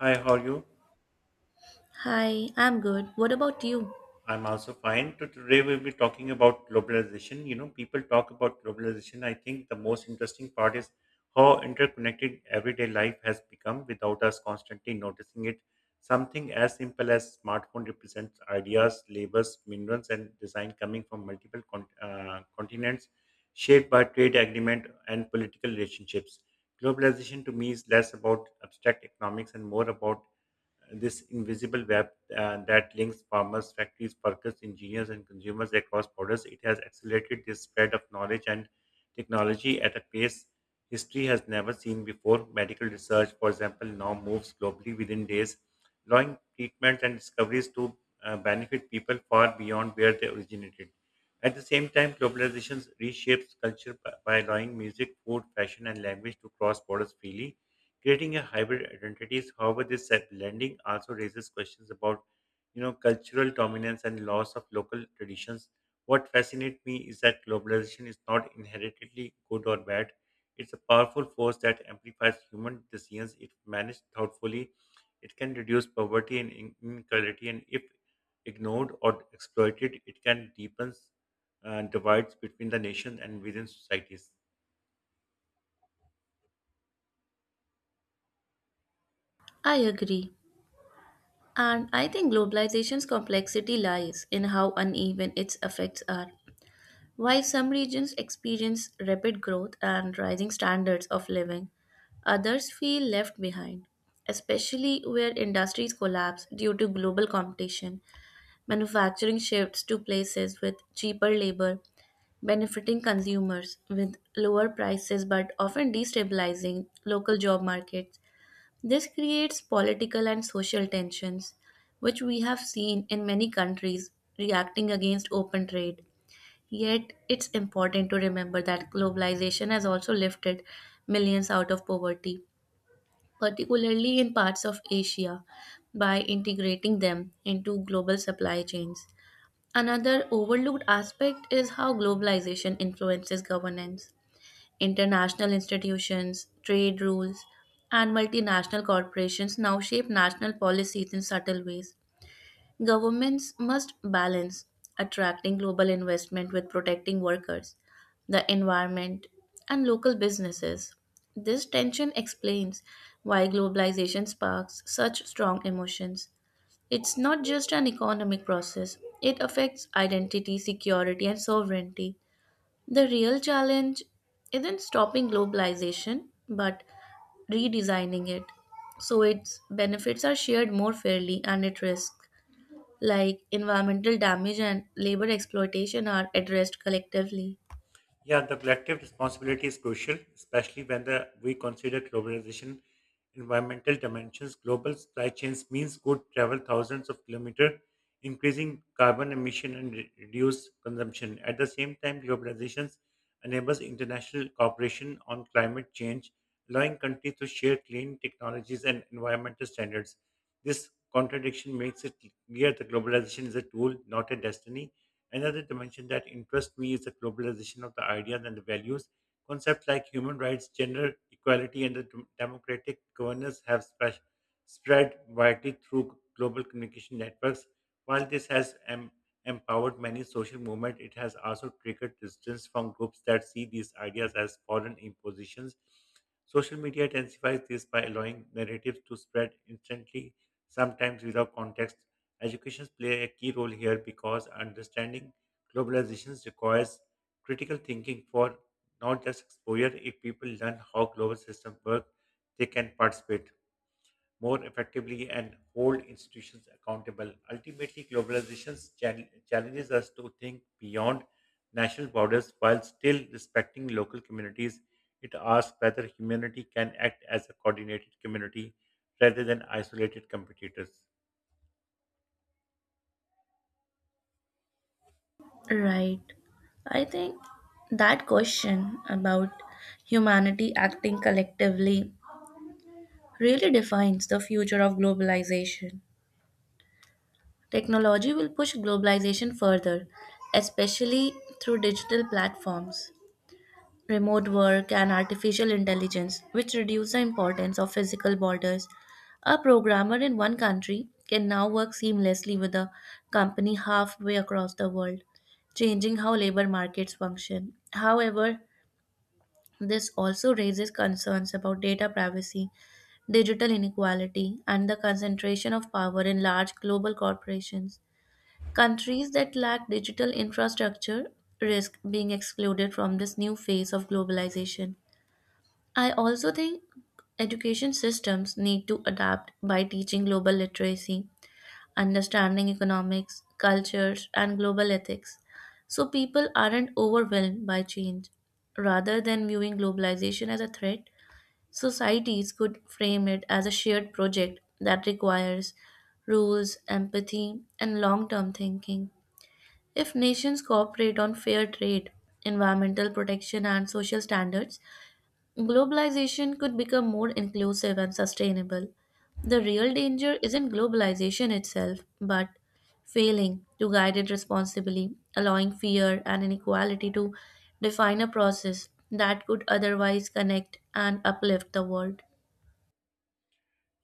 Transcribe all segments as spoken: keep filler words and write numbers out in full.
Hi, how are you? Hi, I'm good. What about you? I'm also fine. To- Today we'll be talking about globalization. You know, people talk about globalization. I think the most interesting part is how interconnected everyday life has become without us constantly noticing it. Something as simple as smartphone represents ideas, labels, minerals, and design coming from multiple con- uh, continents shaped by trade agreement and political relationships. Globalization to me is less about abstract economics and more about uh, this invisible web uh, that links farmers, factories, workers, engineers, and consumers across borders. It has accelerated the spread of knowledge and technology at a pace history has never seen before. Medical research, for example, now moves globally within days, allowing treatments and discoveries to uh, benefit people far beyond where they originated. At the same time, globalization reshapes culture b- by allowing music, food, fashion, and language to cross borders freely, creating a hybrid identities. However, this set blending also raises questions about, you know, cultural dominance and loss of local traditions. What fascinates me is that globalization is not inherently good or bad. It's a powerful force that amplifies human decisions if managed thoughtfully. It can reduce poverty and in- inequality, and if ignored or exploited, it can deepen uh, divides between the nation and within societies. I agree. And I think globalization's complexity lies in how uneven its effects are. While some regions experience rapid growth and rising standards of living, others feel left behind, especially where industries collapse due to global competition, manufacturing shifts to places with cheaper labor, benefiting consumers with lower prices but often destabilizing local job markets. This creates political and social tensions, which we have seen in many countries reacting against open trade. Yet, it's important to remember that globalization has also lifted millions out of poverty, particularly in parts of Asia, by integrating them into global supply chains. Another overlooked aspect is how globalization influences governance. International institutions, trade rules, and multinational corporations now shape national policies in subtle ways. Governments must balance attracting global investment with protecting workers, the environment, and local businesses. This tension explains why globalization sparks such strong emotions. It's not just an economic process, it affects identity, security, and sovereignty. The real challenge isn't stopping globalization, but redesigning it so its benefits are shared more fairly and its risks, like environmental damage and labor exploitation, are addressed collectively. Yeah, the collective responsibility is crucial, especially when the, we consider globalization environmental dimensions. Global supply chains means good travel thousands of kilometers, increasing carbon emission and re- reduce consumption. At the same time, globalization enables international cooperation on climate change, allowing countries to share clean technologies and environmental standards. This contradiction makes it clear that globalization is a tool, not a destiny. Another dimension that interests me is the globalization of the ideas and the values. Concepts like human rights, gender equality, and the dem- democratic governance have spe- spread widely through global communication networks. While this has em- empowered many social movements, it has also triggered resistance from groups that see these ideas as foreign impositions. Social media intensifies this by allowing narratives to spread instantly, sometimes without context. Education play a key role here because understanding globalizations requires critical thinking for not just exposure. If people learn how global systems work, they can participate more effectively and hold institutions accountable. Ultimately, globalization's chal- challenges us to think beyond national borders while still respecting local communities. It asks whether humanity can act as a coordinated community rather than isolated competitors. Right. I think that question about humanity acting collectively really defines the future of globalization. Technology will push globalization further, especially through digital platforms, remote work, and artificial intelligence, which reduce the importance of physical borders. A programmer in one country can now work seamlessly with a company halfway across the world, changing how labor markets function. However, this also raises concerns about data privacy, digital inequality, and the concentration of power in large global corporations. Countries that lack digital infrastructure risk being excluded from this new phase of globalization. I also think education systems need to adapt by teaching global literacy, understanding economics, cultures, and global ethics, so people aren't overwhelmed by change. Rather than viewing globalization as a threat, societies could frame it as a shared project that requires rules, empathy, and long term thinking. If nations cooperate on fair trade, environmental protection, and social standards, globalization could become more inclusive and sustainable. The real danger isn't globalization itself, but failing to guide it responsibly, allowing fear and inequality to define a process that could otherwise connect and uplift the world.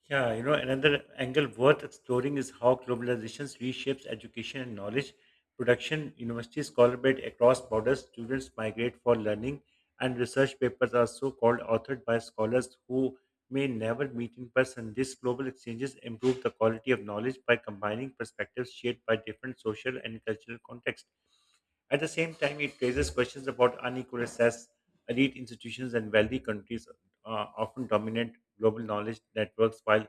Yeah, you know, another angle worth exploring is how globalization reshapes education and knowledge production. Universities collaborate across borders, students migrate for learning, and research papers are so called authored by scholars who may never meet in person. These global exchanges improve the quality of knowledge by combining perspectives shared by different social and cultural contexts. At the same time, it raises questions about unequal access. Elite institutions and wealthy countries uh, often dominate global knowledge networks, while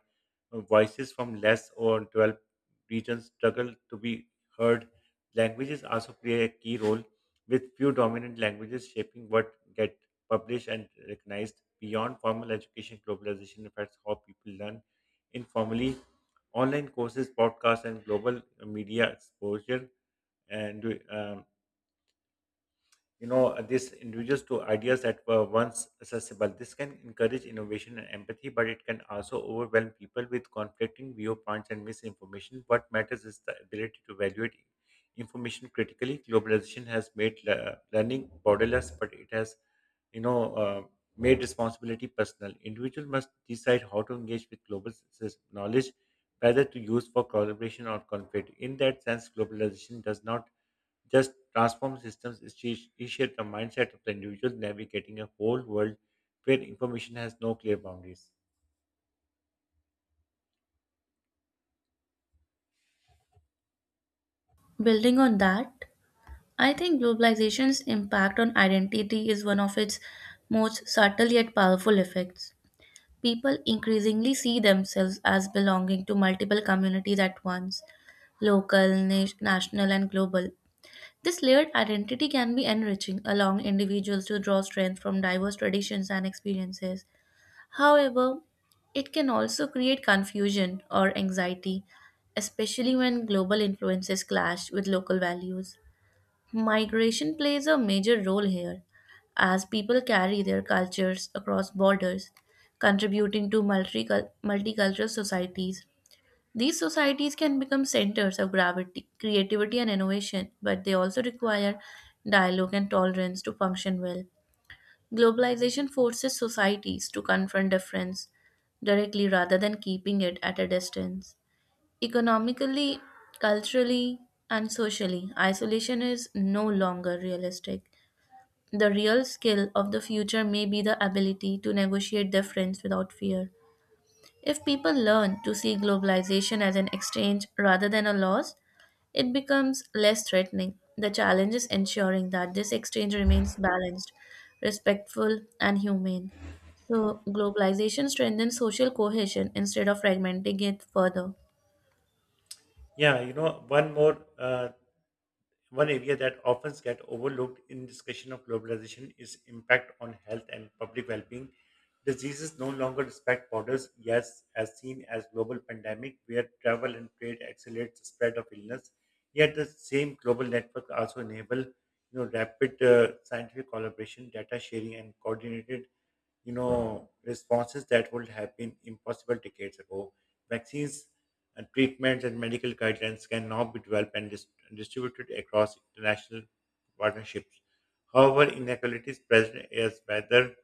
uh, voices from less or developed regions struggle to be heard. Languages also play a key role, with few dominant languages shaping what get published and recognized. Beyond formal education, globalization affects how people learn informally. Online courses, podcasts, and global media exposure and um, you know these individuals to ideas that were once accessible, this can encourage innovation and empathy, but it can also overwhelm people with conflicting viewpoints and misinformation. What matters is the ability to evaluate information critically. Globalization has made le- learning borderless, but it has you know uh, made responsibility personal. Individual must decide how to engage with global sys- knowledge, whether to use for collaboration or conflict. In that sense globalization does not just transform systems, is to reshape the mindset of the individual navigating a whole world where information has no clear boundaries. Building on that, I think globalization's impact on identity is one of its most subtle yet powerful effects. People increasingly see themselves as belonging to multiple communities at once, local, na- national, and global. This layered identity can be enriching, allowing individuals to draw strength from diverse traditions and experiences. However, it can also create confusion or anxiety, especially when global influences clash with local values. Migration plays a major role here, as people carry their cultures across borders, contributing to multicul- multicultural societies. These societies can become centers of gravity, creativity, and innovation, but they also require dialogue and tolerance to function well. Globalization forces societies to confront difference directly rather than keeping it at a distance. Economically, culturally, and socially, isolation is no longer realistic. The real skill of the future may be the ability to negotiate difference without fear. If people learn to see globalization as an exchange rather than a loss, it becomes less threatening. The challenge is ensuring that this exchange remains balanced, respectful, and humane. So, globalization strengthens social cohesion instead of fragmenting it further. Yeah, you know, one more uh, one area that often gets overlooked in discussion of globalization is impact on health and public well-being. Diseases no longer respect borders, yes, as seen as global pandemic where travel and trade accelerates the spread of illness. Yet the same global network also enable you know rapid uh, scientific collaboration, data sharing, and coordinated you know responses that would have been impossible decades ago. Vaccines and treatments and medical guidelines can now be developed and dis- distributed across international partnerships. However, inequalities present is whether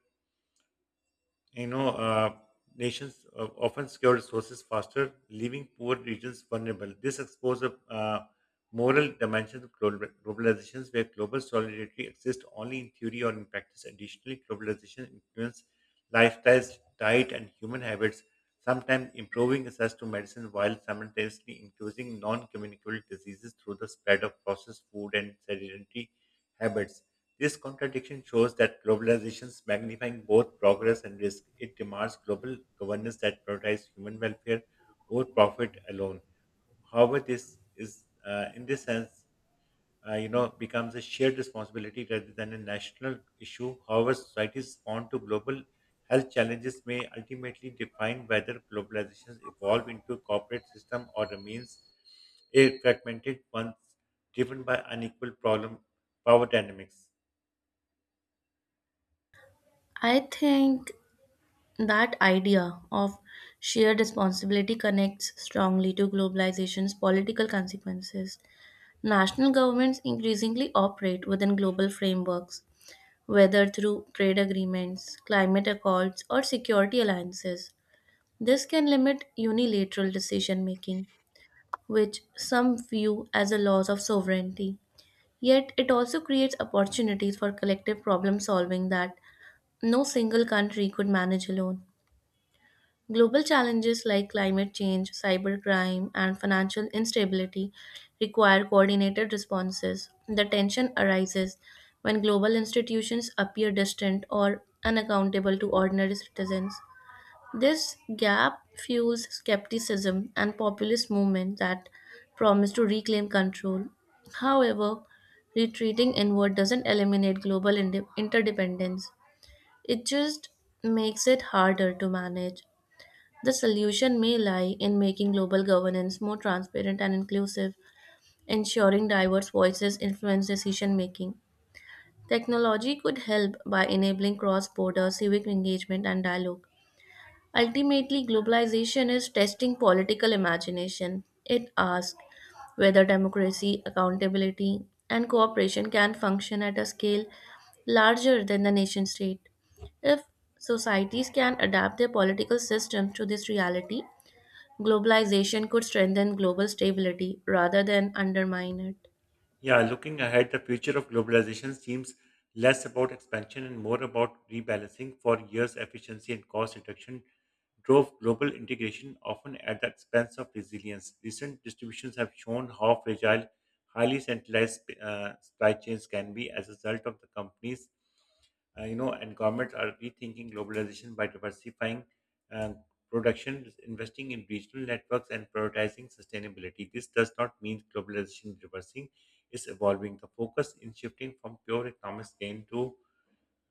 you know, uh, nations uh, often secure resources faster, leaving poor regions vulnerable. This exposes a uh, moral dimension of global- globalizations where global solidarity exists only in theory or in practice. Additionally, globalization influences lifestyles, diet, and human habits, sometimes improving access to medicine while simultaneously increasing non-communicable diseases through the spread of processed food and sedentary habits. This contradiction shows that globalization is magnifying both progress and risk. It demands global governance that prioritizes human welfare over profit alone. However, this is, uh, in this sense, uh, you know, becomes a shared responsibility rather than a national issue. However, societies response to global health challenges may ultimately define whether globalizations evolve into a corporate system or remains a fragmented one driven by unequal problem power dynamics. I think that idea of shared responsibility connects strongly to globalization's political consequences. National governments increasingly operate within global frameworks, whether through trade agreements, climate accords, or security alliances. This can limit unilateral decision making, which some view as a loss of sovereignty. Yet, it also creates opportunities for collective problem solving that no single country could manage alone. Global challenges like climate change, cybercrime, and financial instability require coordinated responses. The tension arises when global institutions appear distant or unaccountable to ordinary citizens. This gap fuels skepticism and populist movements that promise to reclaim control. However, retreating inward doesn't eliminate global inde- interdependence, it just makes it harder to manage. The solution may lie in making global governance more transparent and inclusive, ensuring diverse voices influence decision making. Technology could help by enabling cross border civic engagement and dialogue. Ultimately, globalization is testing political imagination. It asks whether democracy, accountability, and cooperation can function at a scale larger than the nation state. If societies can adapt their political systems to this reality, globalization could strengthen global stability rather than undermine it. Yeah, looking ahead, the future of globalization seems less about expansion and more about rebalancing. For years, efficiency and cost reduction drove global integration, often at the expense of resilience. Recent distributions have shown how fragile highly centralized uh, supply chains can be as a result of the companies uh, you know, and governments are rethinking globalization by diversifying uh, production, investing in regional networks, and prioritizing sustainability. This does not mean globalization reversing is evolving. The focus in shifting from pure economics gain to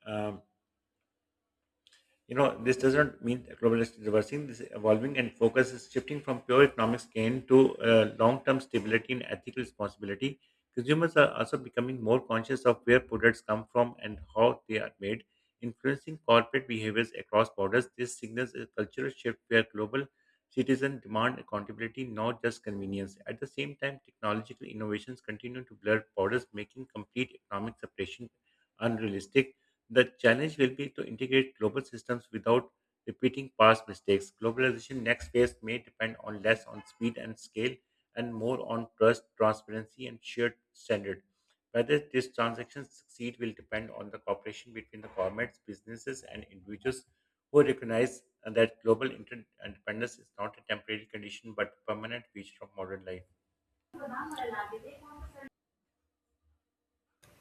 um, you know, this doesn't mean that globalization is reversing, this is evolving and focus is shifting from pure economic gain to uh, long term stability and ethical responsibility. Consumers are also becoming more conscious of where products come from and how they are made, influencing corporate behaviors across borders. This signals a cultural shift where global citizens demand accountability, not just convenience. At the same time, technological innovations continue to blur borders, making complete economic separation unrealistic. The challenge will be to integrate global systems without repeating past mistakes. Globalization next phase may depend on less on speed and scale and more on trust, transparency, and shared standard. Whether these transactions succeed will depend on the cooperation between the governments, businesses, and individuals who recognize uh, that global interdependence is not a temporary condition but a permanent feature of modern life.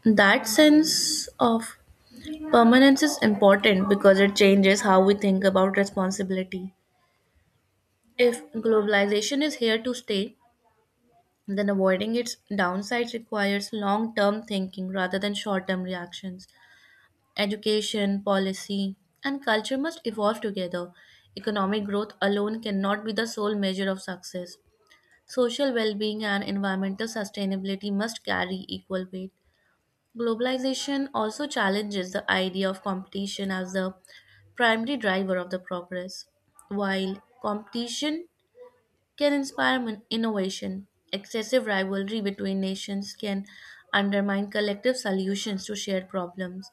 That sense of permanence is important because it changes how we think about responsibility. If globalization is here to stay, then avoiding its downsides requires long term thinking rather than short term reactions. Education, policy, and culture must evolve together. Economic growth alone cannot be the sole measure of success. Social well being and environmental sustainability must carry equal weight. Globalization also challenges the idea of competition as the primary driver of the progress. While competition can inspire mon- innovation, excessive rivalry between nations can undermine collective solutions to shared problems.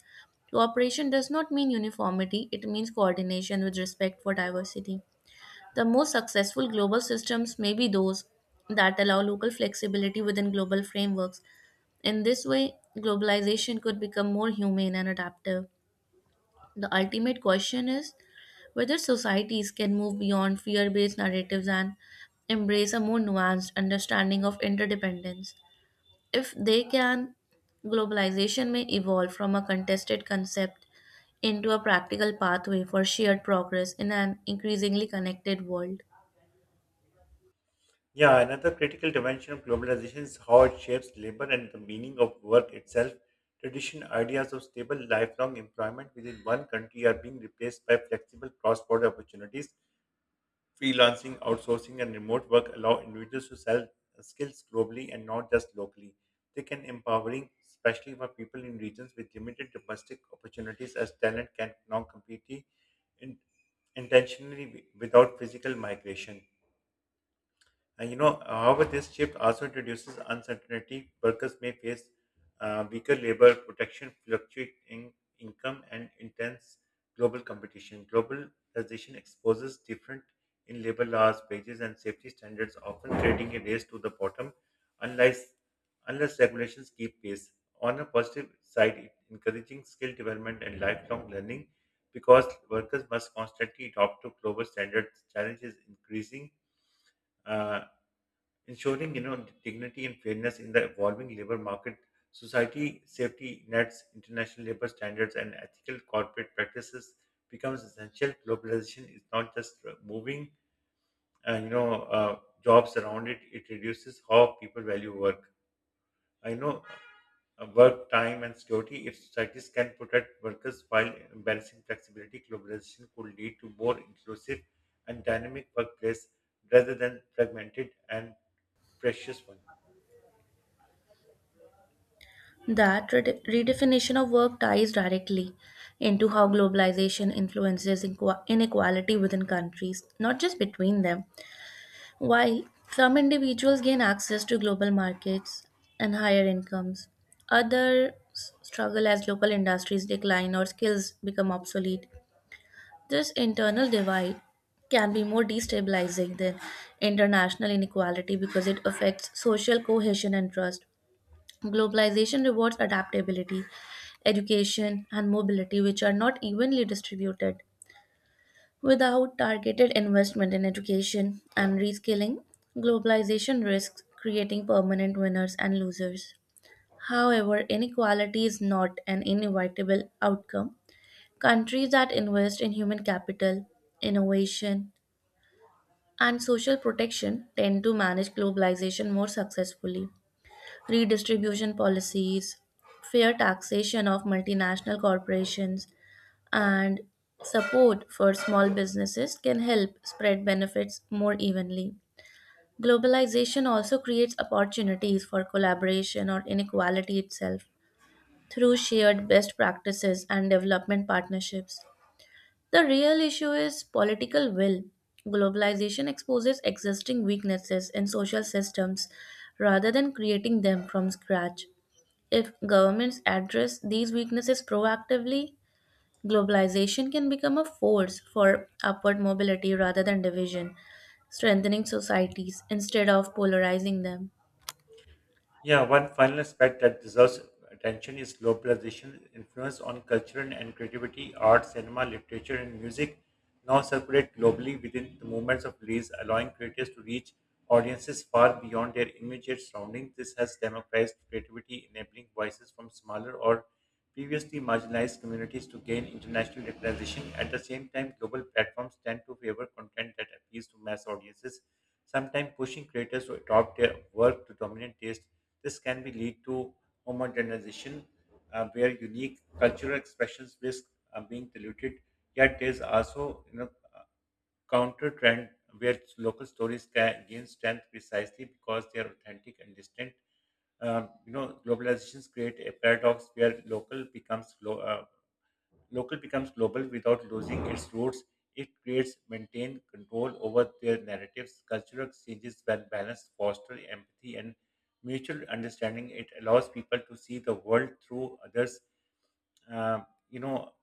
Cooperation does not mean uniformity, it means coordination with respect for diversity. The most successful global systems may be those that allow local flexibility within global frameworks. In this way, globalization could become more humane and adaptive. The ultimate question is whether societies can move beyond fear based narratives and embrace a more nuanced understanding of interdependence. If they can, globalization may evolve from a contested concept into a practical pathway for shared progress in an increasingly connected world. Yeah, another critical dimension of globalization is how it shapes labor and the meaning of work itself. Traditional ideas of stable, lifelong employment within one country are being replaced by flexible cross border opportunities. Freelancing, outsourcing, and remote work allow individuals to sell skills globally and not just locally. They can empowering, especially for people in regions with limited domestic opportunities, as talent can now compete in, intentionally wi- without physical migration. And you know, however, this shift also introduces uncertainty. Workers may face uh, weaker labor protection, fluctuating income, and intense global competition. Globalization exposes different in labor laws, wages, and safety standards, often creating a race to the bottom, unless unless regulations keep pace. On a positive side, it encouraging skill development and lifelong learning, because workers must constantly adopt to global standards. Challenges increasing. Uh, Ensuring you know dignity and fairness in the evolving labor market, society safety nets, international labor standards, and ethical corporate practices becomes essential. Globalization is not just uh, moving uh, you know uh, jobs around. It it reduces how people value work, I know uh, work time and security. If societies can protect workers while balancing flexibility, globalization could lead to more inclusive and dynamic workplace rather than fragmented and precious one. That rede- redefinition of work ties directly into how globalization influences inqu- inequality within countries, not just between them. While some individuals gain access to global markets and higher incomes, others struggle as local industries decline or skills become obsolete. This internal divide can be more destabilizing than international inequality because it affects social cohesion and trust. Globalization rewards adaptability, education, and mobility, which are not evenly distributed. Without targeted investment in education and reskilling, globalization risks creating permanent winners and losers. However, inequality is not an inevitable outcome. Countries that invest in human capital, innovation, and social protection tend to manage globalization more successfully. Redistribution policies, fair taxation of multinational corporations, and support for small businesses can help spread benefits more evenly. Globalization also creates opportunities for collaboration or inequality itself through shared best practices and development partnerships. The real issue is political will. Globalization exposes existing weaknesses in social systems rather than creating them from scratch. If governments address these weaknesses proactively, globalization can become a force for upward mobility rather than division, strengthening societies instead of polarizing them. Yeah, one final aspect that deserves attention is globalization influence on culture and creativity, art, cinema, literature, and music now circulate globally within the movements of release, allowing creators to reach audiences far beyond their immediate surroundings. This has democratized creativity, enabling voices from smaller or previously marginalized communities to gain international recognition. At the same time, global platforms tend to favor content that appeals to mass audiences, sometimes pushing creators to adopt their work to dominant taste. This can be lead to homogenization, uh, where unique cultural expressions risk uh, being diluted. Yet, there's also you know uh, counter trend where local stories ca- gain strength precisely because they are authentic and distinct. Um, you know, globalizations create a paradox where local becomes glo- uh, local becomes global without losing its roots. It creates maintained control over their narratives. Cultural exchanges, when balanced, foster empathy and mutual understanding. It allows people to see the world through others. Um, you know,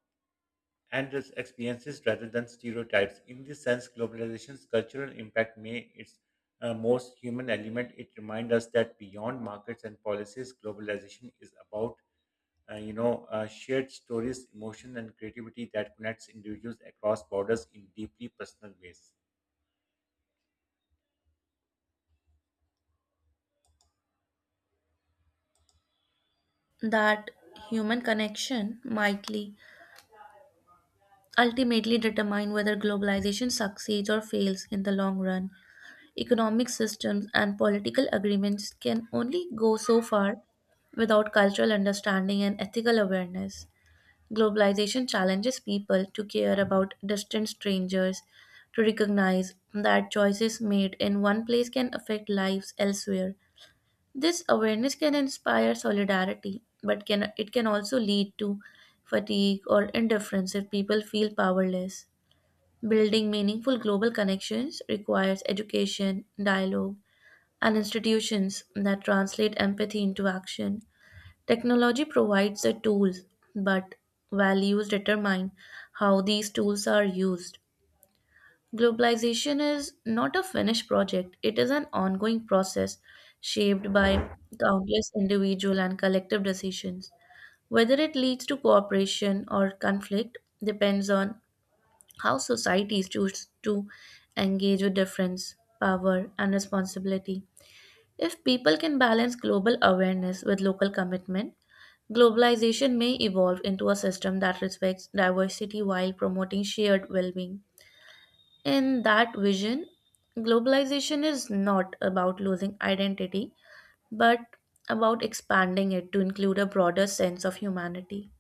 and its experiences rather than stereotypes. In this sense, globalization's cultural impact may its uh, most human element. It reminds us that beyond markets and policies, globalization is about uh, you know uh, shared stories, emotion, and creativity that connects individuals across borders in deeply personal ways. That human connection mightly ultimately determine whether globalization succeeds or fails in the long run. Economic systems and political agreements can only go so far without cultural understanding and ethical awareness. Globalization challenges people to care about distant strangers, to recognize that choices made in one place can affect lives elsewhere. This awareness can inspire solidarity, but can it can also lead to fatigue or indifference if people feel powerless. Building meaningful global connections requires education, dialogue, and institutions that translate empathy into action. Technology provides the tools, but values determine how these tools are used. Globalization is not a finished project, it is an ongoing process shaped by countless individual and collective decisions. Whether it leads to cooperation or conflict depends on how societies choose to engage with difference, power, and responsibility. If people can balance global awareness with local commitment, globalization may evolve into a system that respects diversity while promoting shared well being. In that vision, globalization is not about losing identity, but about expanding it to include a broader sense of humanity.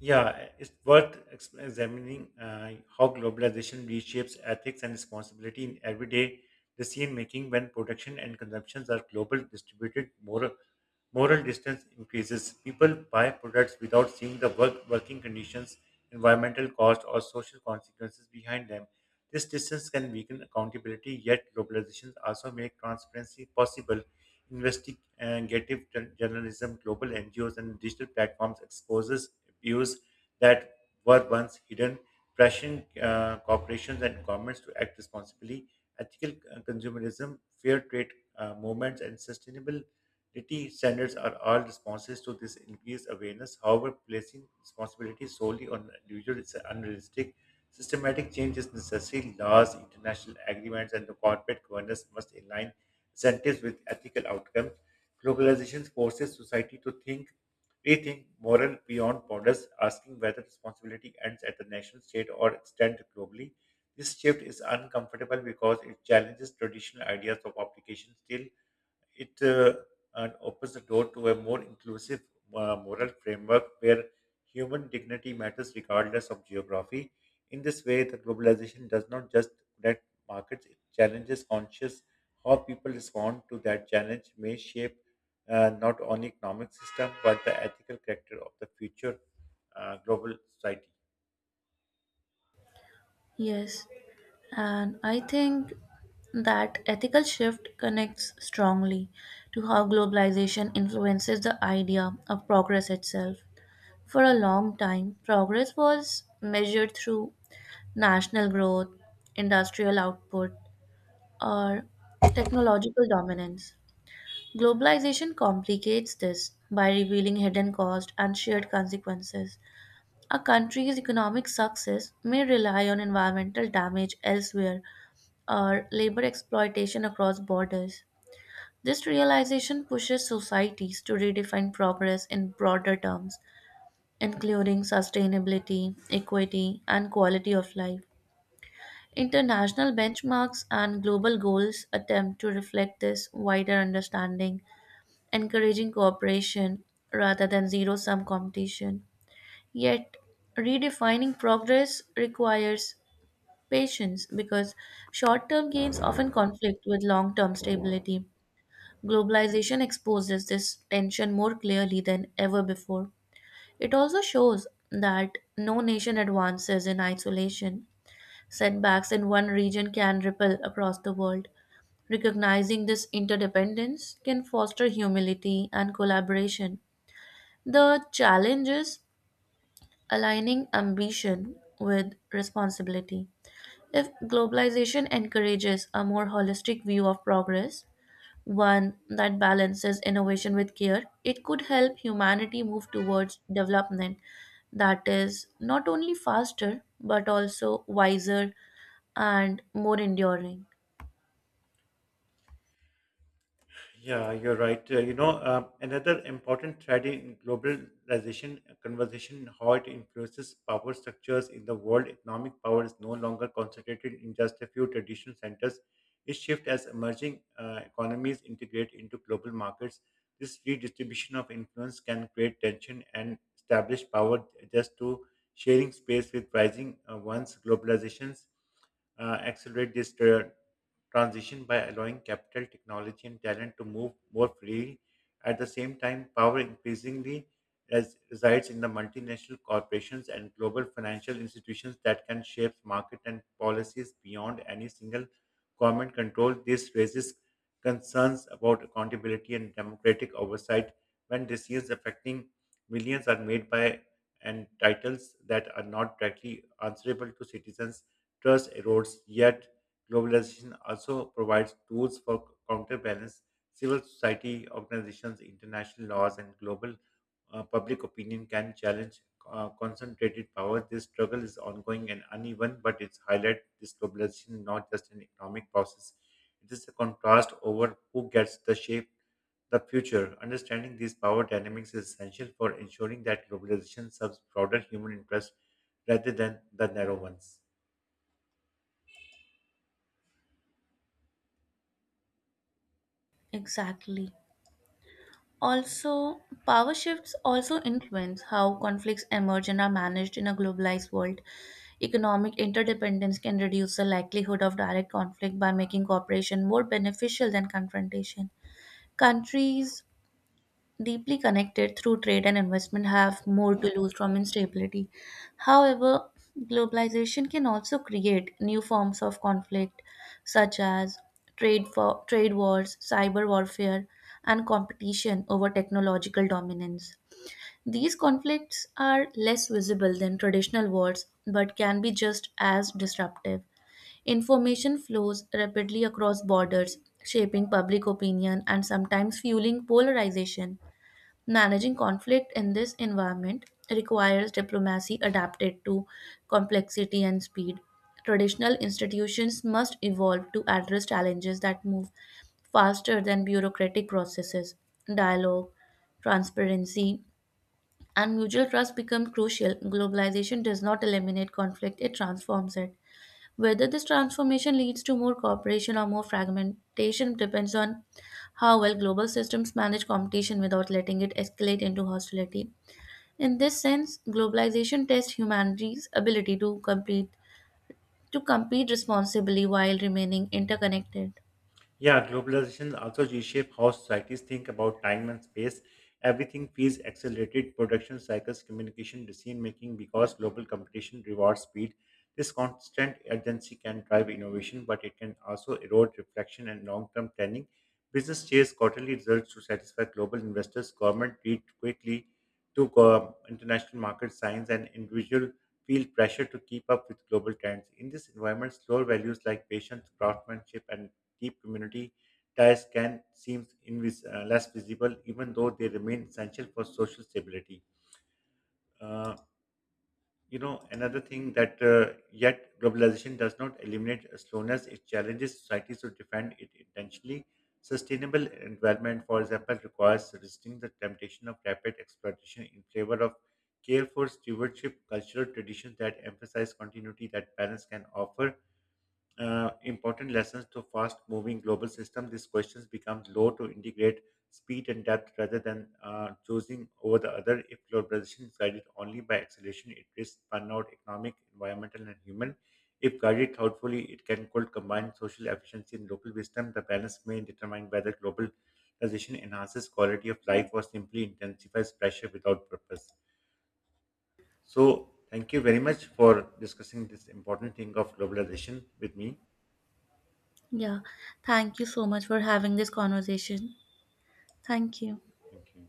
Yeah, it's worth ex- examining uh, how globalization reshapes ethics and responsibility in everyday decision making. When production and consumptions are global, distributed, more moral distance increases. People buy products without seeing the work, working conditions, environmental cost, or social consequences behind them. This distance can weaken accountability, yet globalizations also make transparency possible. Investigative jour- journalism, global N G Os, and digital platforms exposes abuse that were once hidden, pressuring uh, corporations and governments to act responsibly. Ethical uh, consumerism, fair trade uh, movements, and sustainable quality standards are all responses to this increased awareness. However, placing responsibility solely on the individual is unrealistic. Systematic change is necessary. Laws, international agreements, and the corporate governance must align incentives with ethical outcomes. Globalization forces society to think, rethink moral beyond borders, asking whether responsibility ends at the national state or extends globally. This shift is uncomfortable because it challenges traditional ideas of obligation. Still, it uh, uh, opens the door to a more inclusive uh, moral framework where human dignity matters regardless of geography. In this way, the globalization does not just connect markets, it challenges conscious how people respond to that challenge may shape uh, not only economic system but the ethical character of the future uh, global society. Yes, and I think that ethical shift connects strongly to how globalization influences the idea of progress itself. For a long time, progress was measured through national growth, industrial output, or technological dominance. Globalization complicates this by revealing hidden costs and shared consequences. A country's economic success may rely on environmental damage elsewhere or labor exploitation across borders. This realization pushes societies to redefine progress in broader terms, including sustainability, equity, and quality of life. International benchmarks and global goals attempt to reflect this wider understanding, encouraging cooperation rather than zero sum competition. Yet, redefining progress requires patience because short term gains often conflict with long term stability. Globalization exposes this tension more clearly than ever before. It also shows that no nation advances in isolation. Setbacks in one region can ripple across the world. Recognizing this interdependence can foster humility and collaboration. The challenge is aligning ambition with responsibility. If globalization encourages a more holistic view of progress, one that balances innovation with care, it could help humanity move towards development that is not only faster but also wiser and more enduring. Yeah, you're right. Uh, you know, uh, another important thread in globalization uh, conversation, how it influences power structures in the world. Economic power is no longer concentrated in just a few traditional centers. It shifts as emerging uh, economies integrate into global markets. This redistribution of influence can create tension and establish power just to sharing space with rising uh, ones. Globalizations uh, accelerate this tra- transition by allowing capital, technology, and talent to move more freely. At the same time, power increasingly res- resides in the multinational corporations and global financial institutions that can shape market and policies beyond any single government control. This raises concerns about accountability and democratic oversight when decisions affecting millions are made by and titles that are not directly answerable to citizens. Trust erodes, yet globalization also provides tools for counterbalance. Civil society organizations, international laws, and global uh, public opinion can challenge uh, concentrated power. This struggle is ongoing and uneven, but it's highlight this globalization is not just an economic process. It is a contrast over who gets the shape the future. Understanding these power dynamics is essential for ensuring that globalization serves broader human interests rather than the narrow ones. Exactly. Also, power shifts also influence how conflicts emerge and are managed in a globalized world. Economic interdependence can reduce the likelihood of direct conflict by making cooperation more beneficial than confrontation. Countries deeply connected through trade and investment have more to lose from instability. However, globalization can also create new forms of conflict such as trade for trade wars, cyber warfare, and competition over technological dominance. These conflicts are less visible than traditional wars but can be just as disruptive. Information flows rapidly across borders, shaping public opinion and sometimes fueling polarization. Managing conflict in this environment requires diplomacy adapted to complexity and speed. Traditional institutions must evolve to address challenges that move faster than bureaucratic processes. Dialogue, transparency, and mutual trust become crucial. Globalization does not eliminate conflict, it transforms it. Whether this transformation leads to more cooperation or more fragmentation depends on how well global systems manage competition without letting it escalate into hostility. In this sense, globalization tests humanity's ability to compete to compete responsibly while remaining interconnected. Yeah, globalization also reshapes how societies think about time and space. Everything feels accelerated, production cycles, communication, decision making, because global competition rewards speed. This constant urgency can drive innovation, but it can also erode reflection and long term planning. Business chase quarterly results to satisfy global investors. Government read quickly to go- international market signs, and individual feel pressure to keep up with global trends. In this environment, slower values like patience, craftsmanship, and deep community ties can seem invis- uh, less visible, even though they remain essential for social stability. Uh, you know, Another thing that uh, yet globalization does not eliminate slowness, it challenges societies to defend it intentionally. Sustainable development, for example, requires resisting the temptation of rapid exploitation in favor of careful stewardship, cultural traditions that emphasize continuity that parents can offer uh, important lessons to fast moving global system, these questions become low to integrate speed and depth rather than uh, choosing over the other. If globalization is guided only by acceleration, it risks burnout, economic, environmental, and human. If guided thoughtfully, it can could combine social efficiency and local wisdom. The balance may determine whether globalization enhances quality of life or simply intensifies pressure without purpose. So, thank you very much for discussing this important thing of globalization with me. Yeah. Thank you so much for having this conversation. Thank you. Thank you.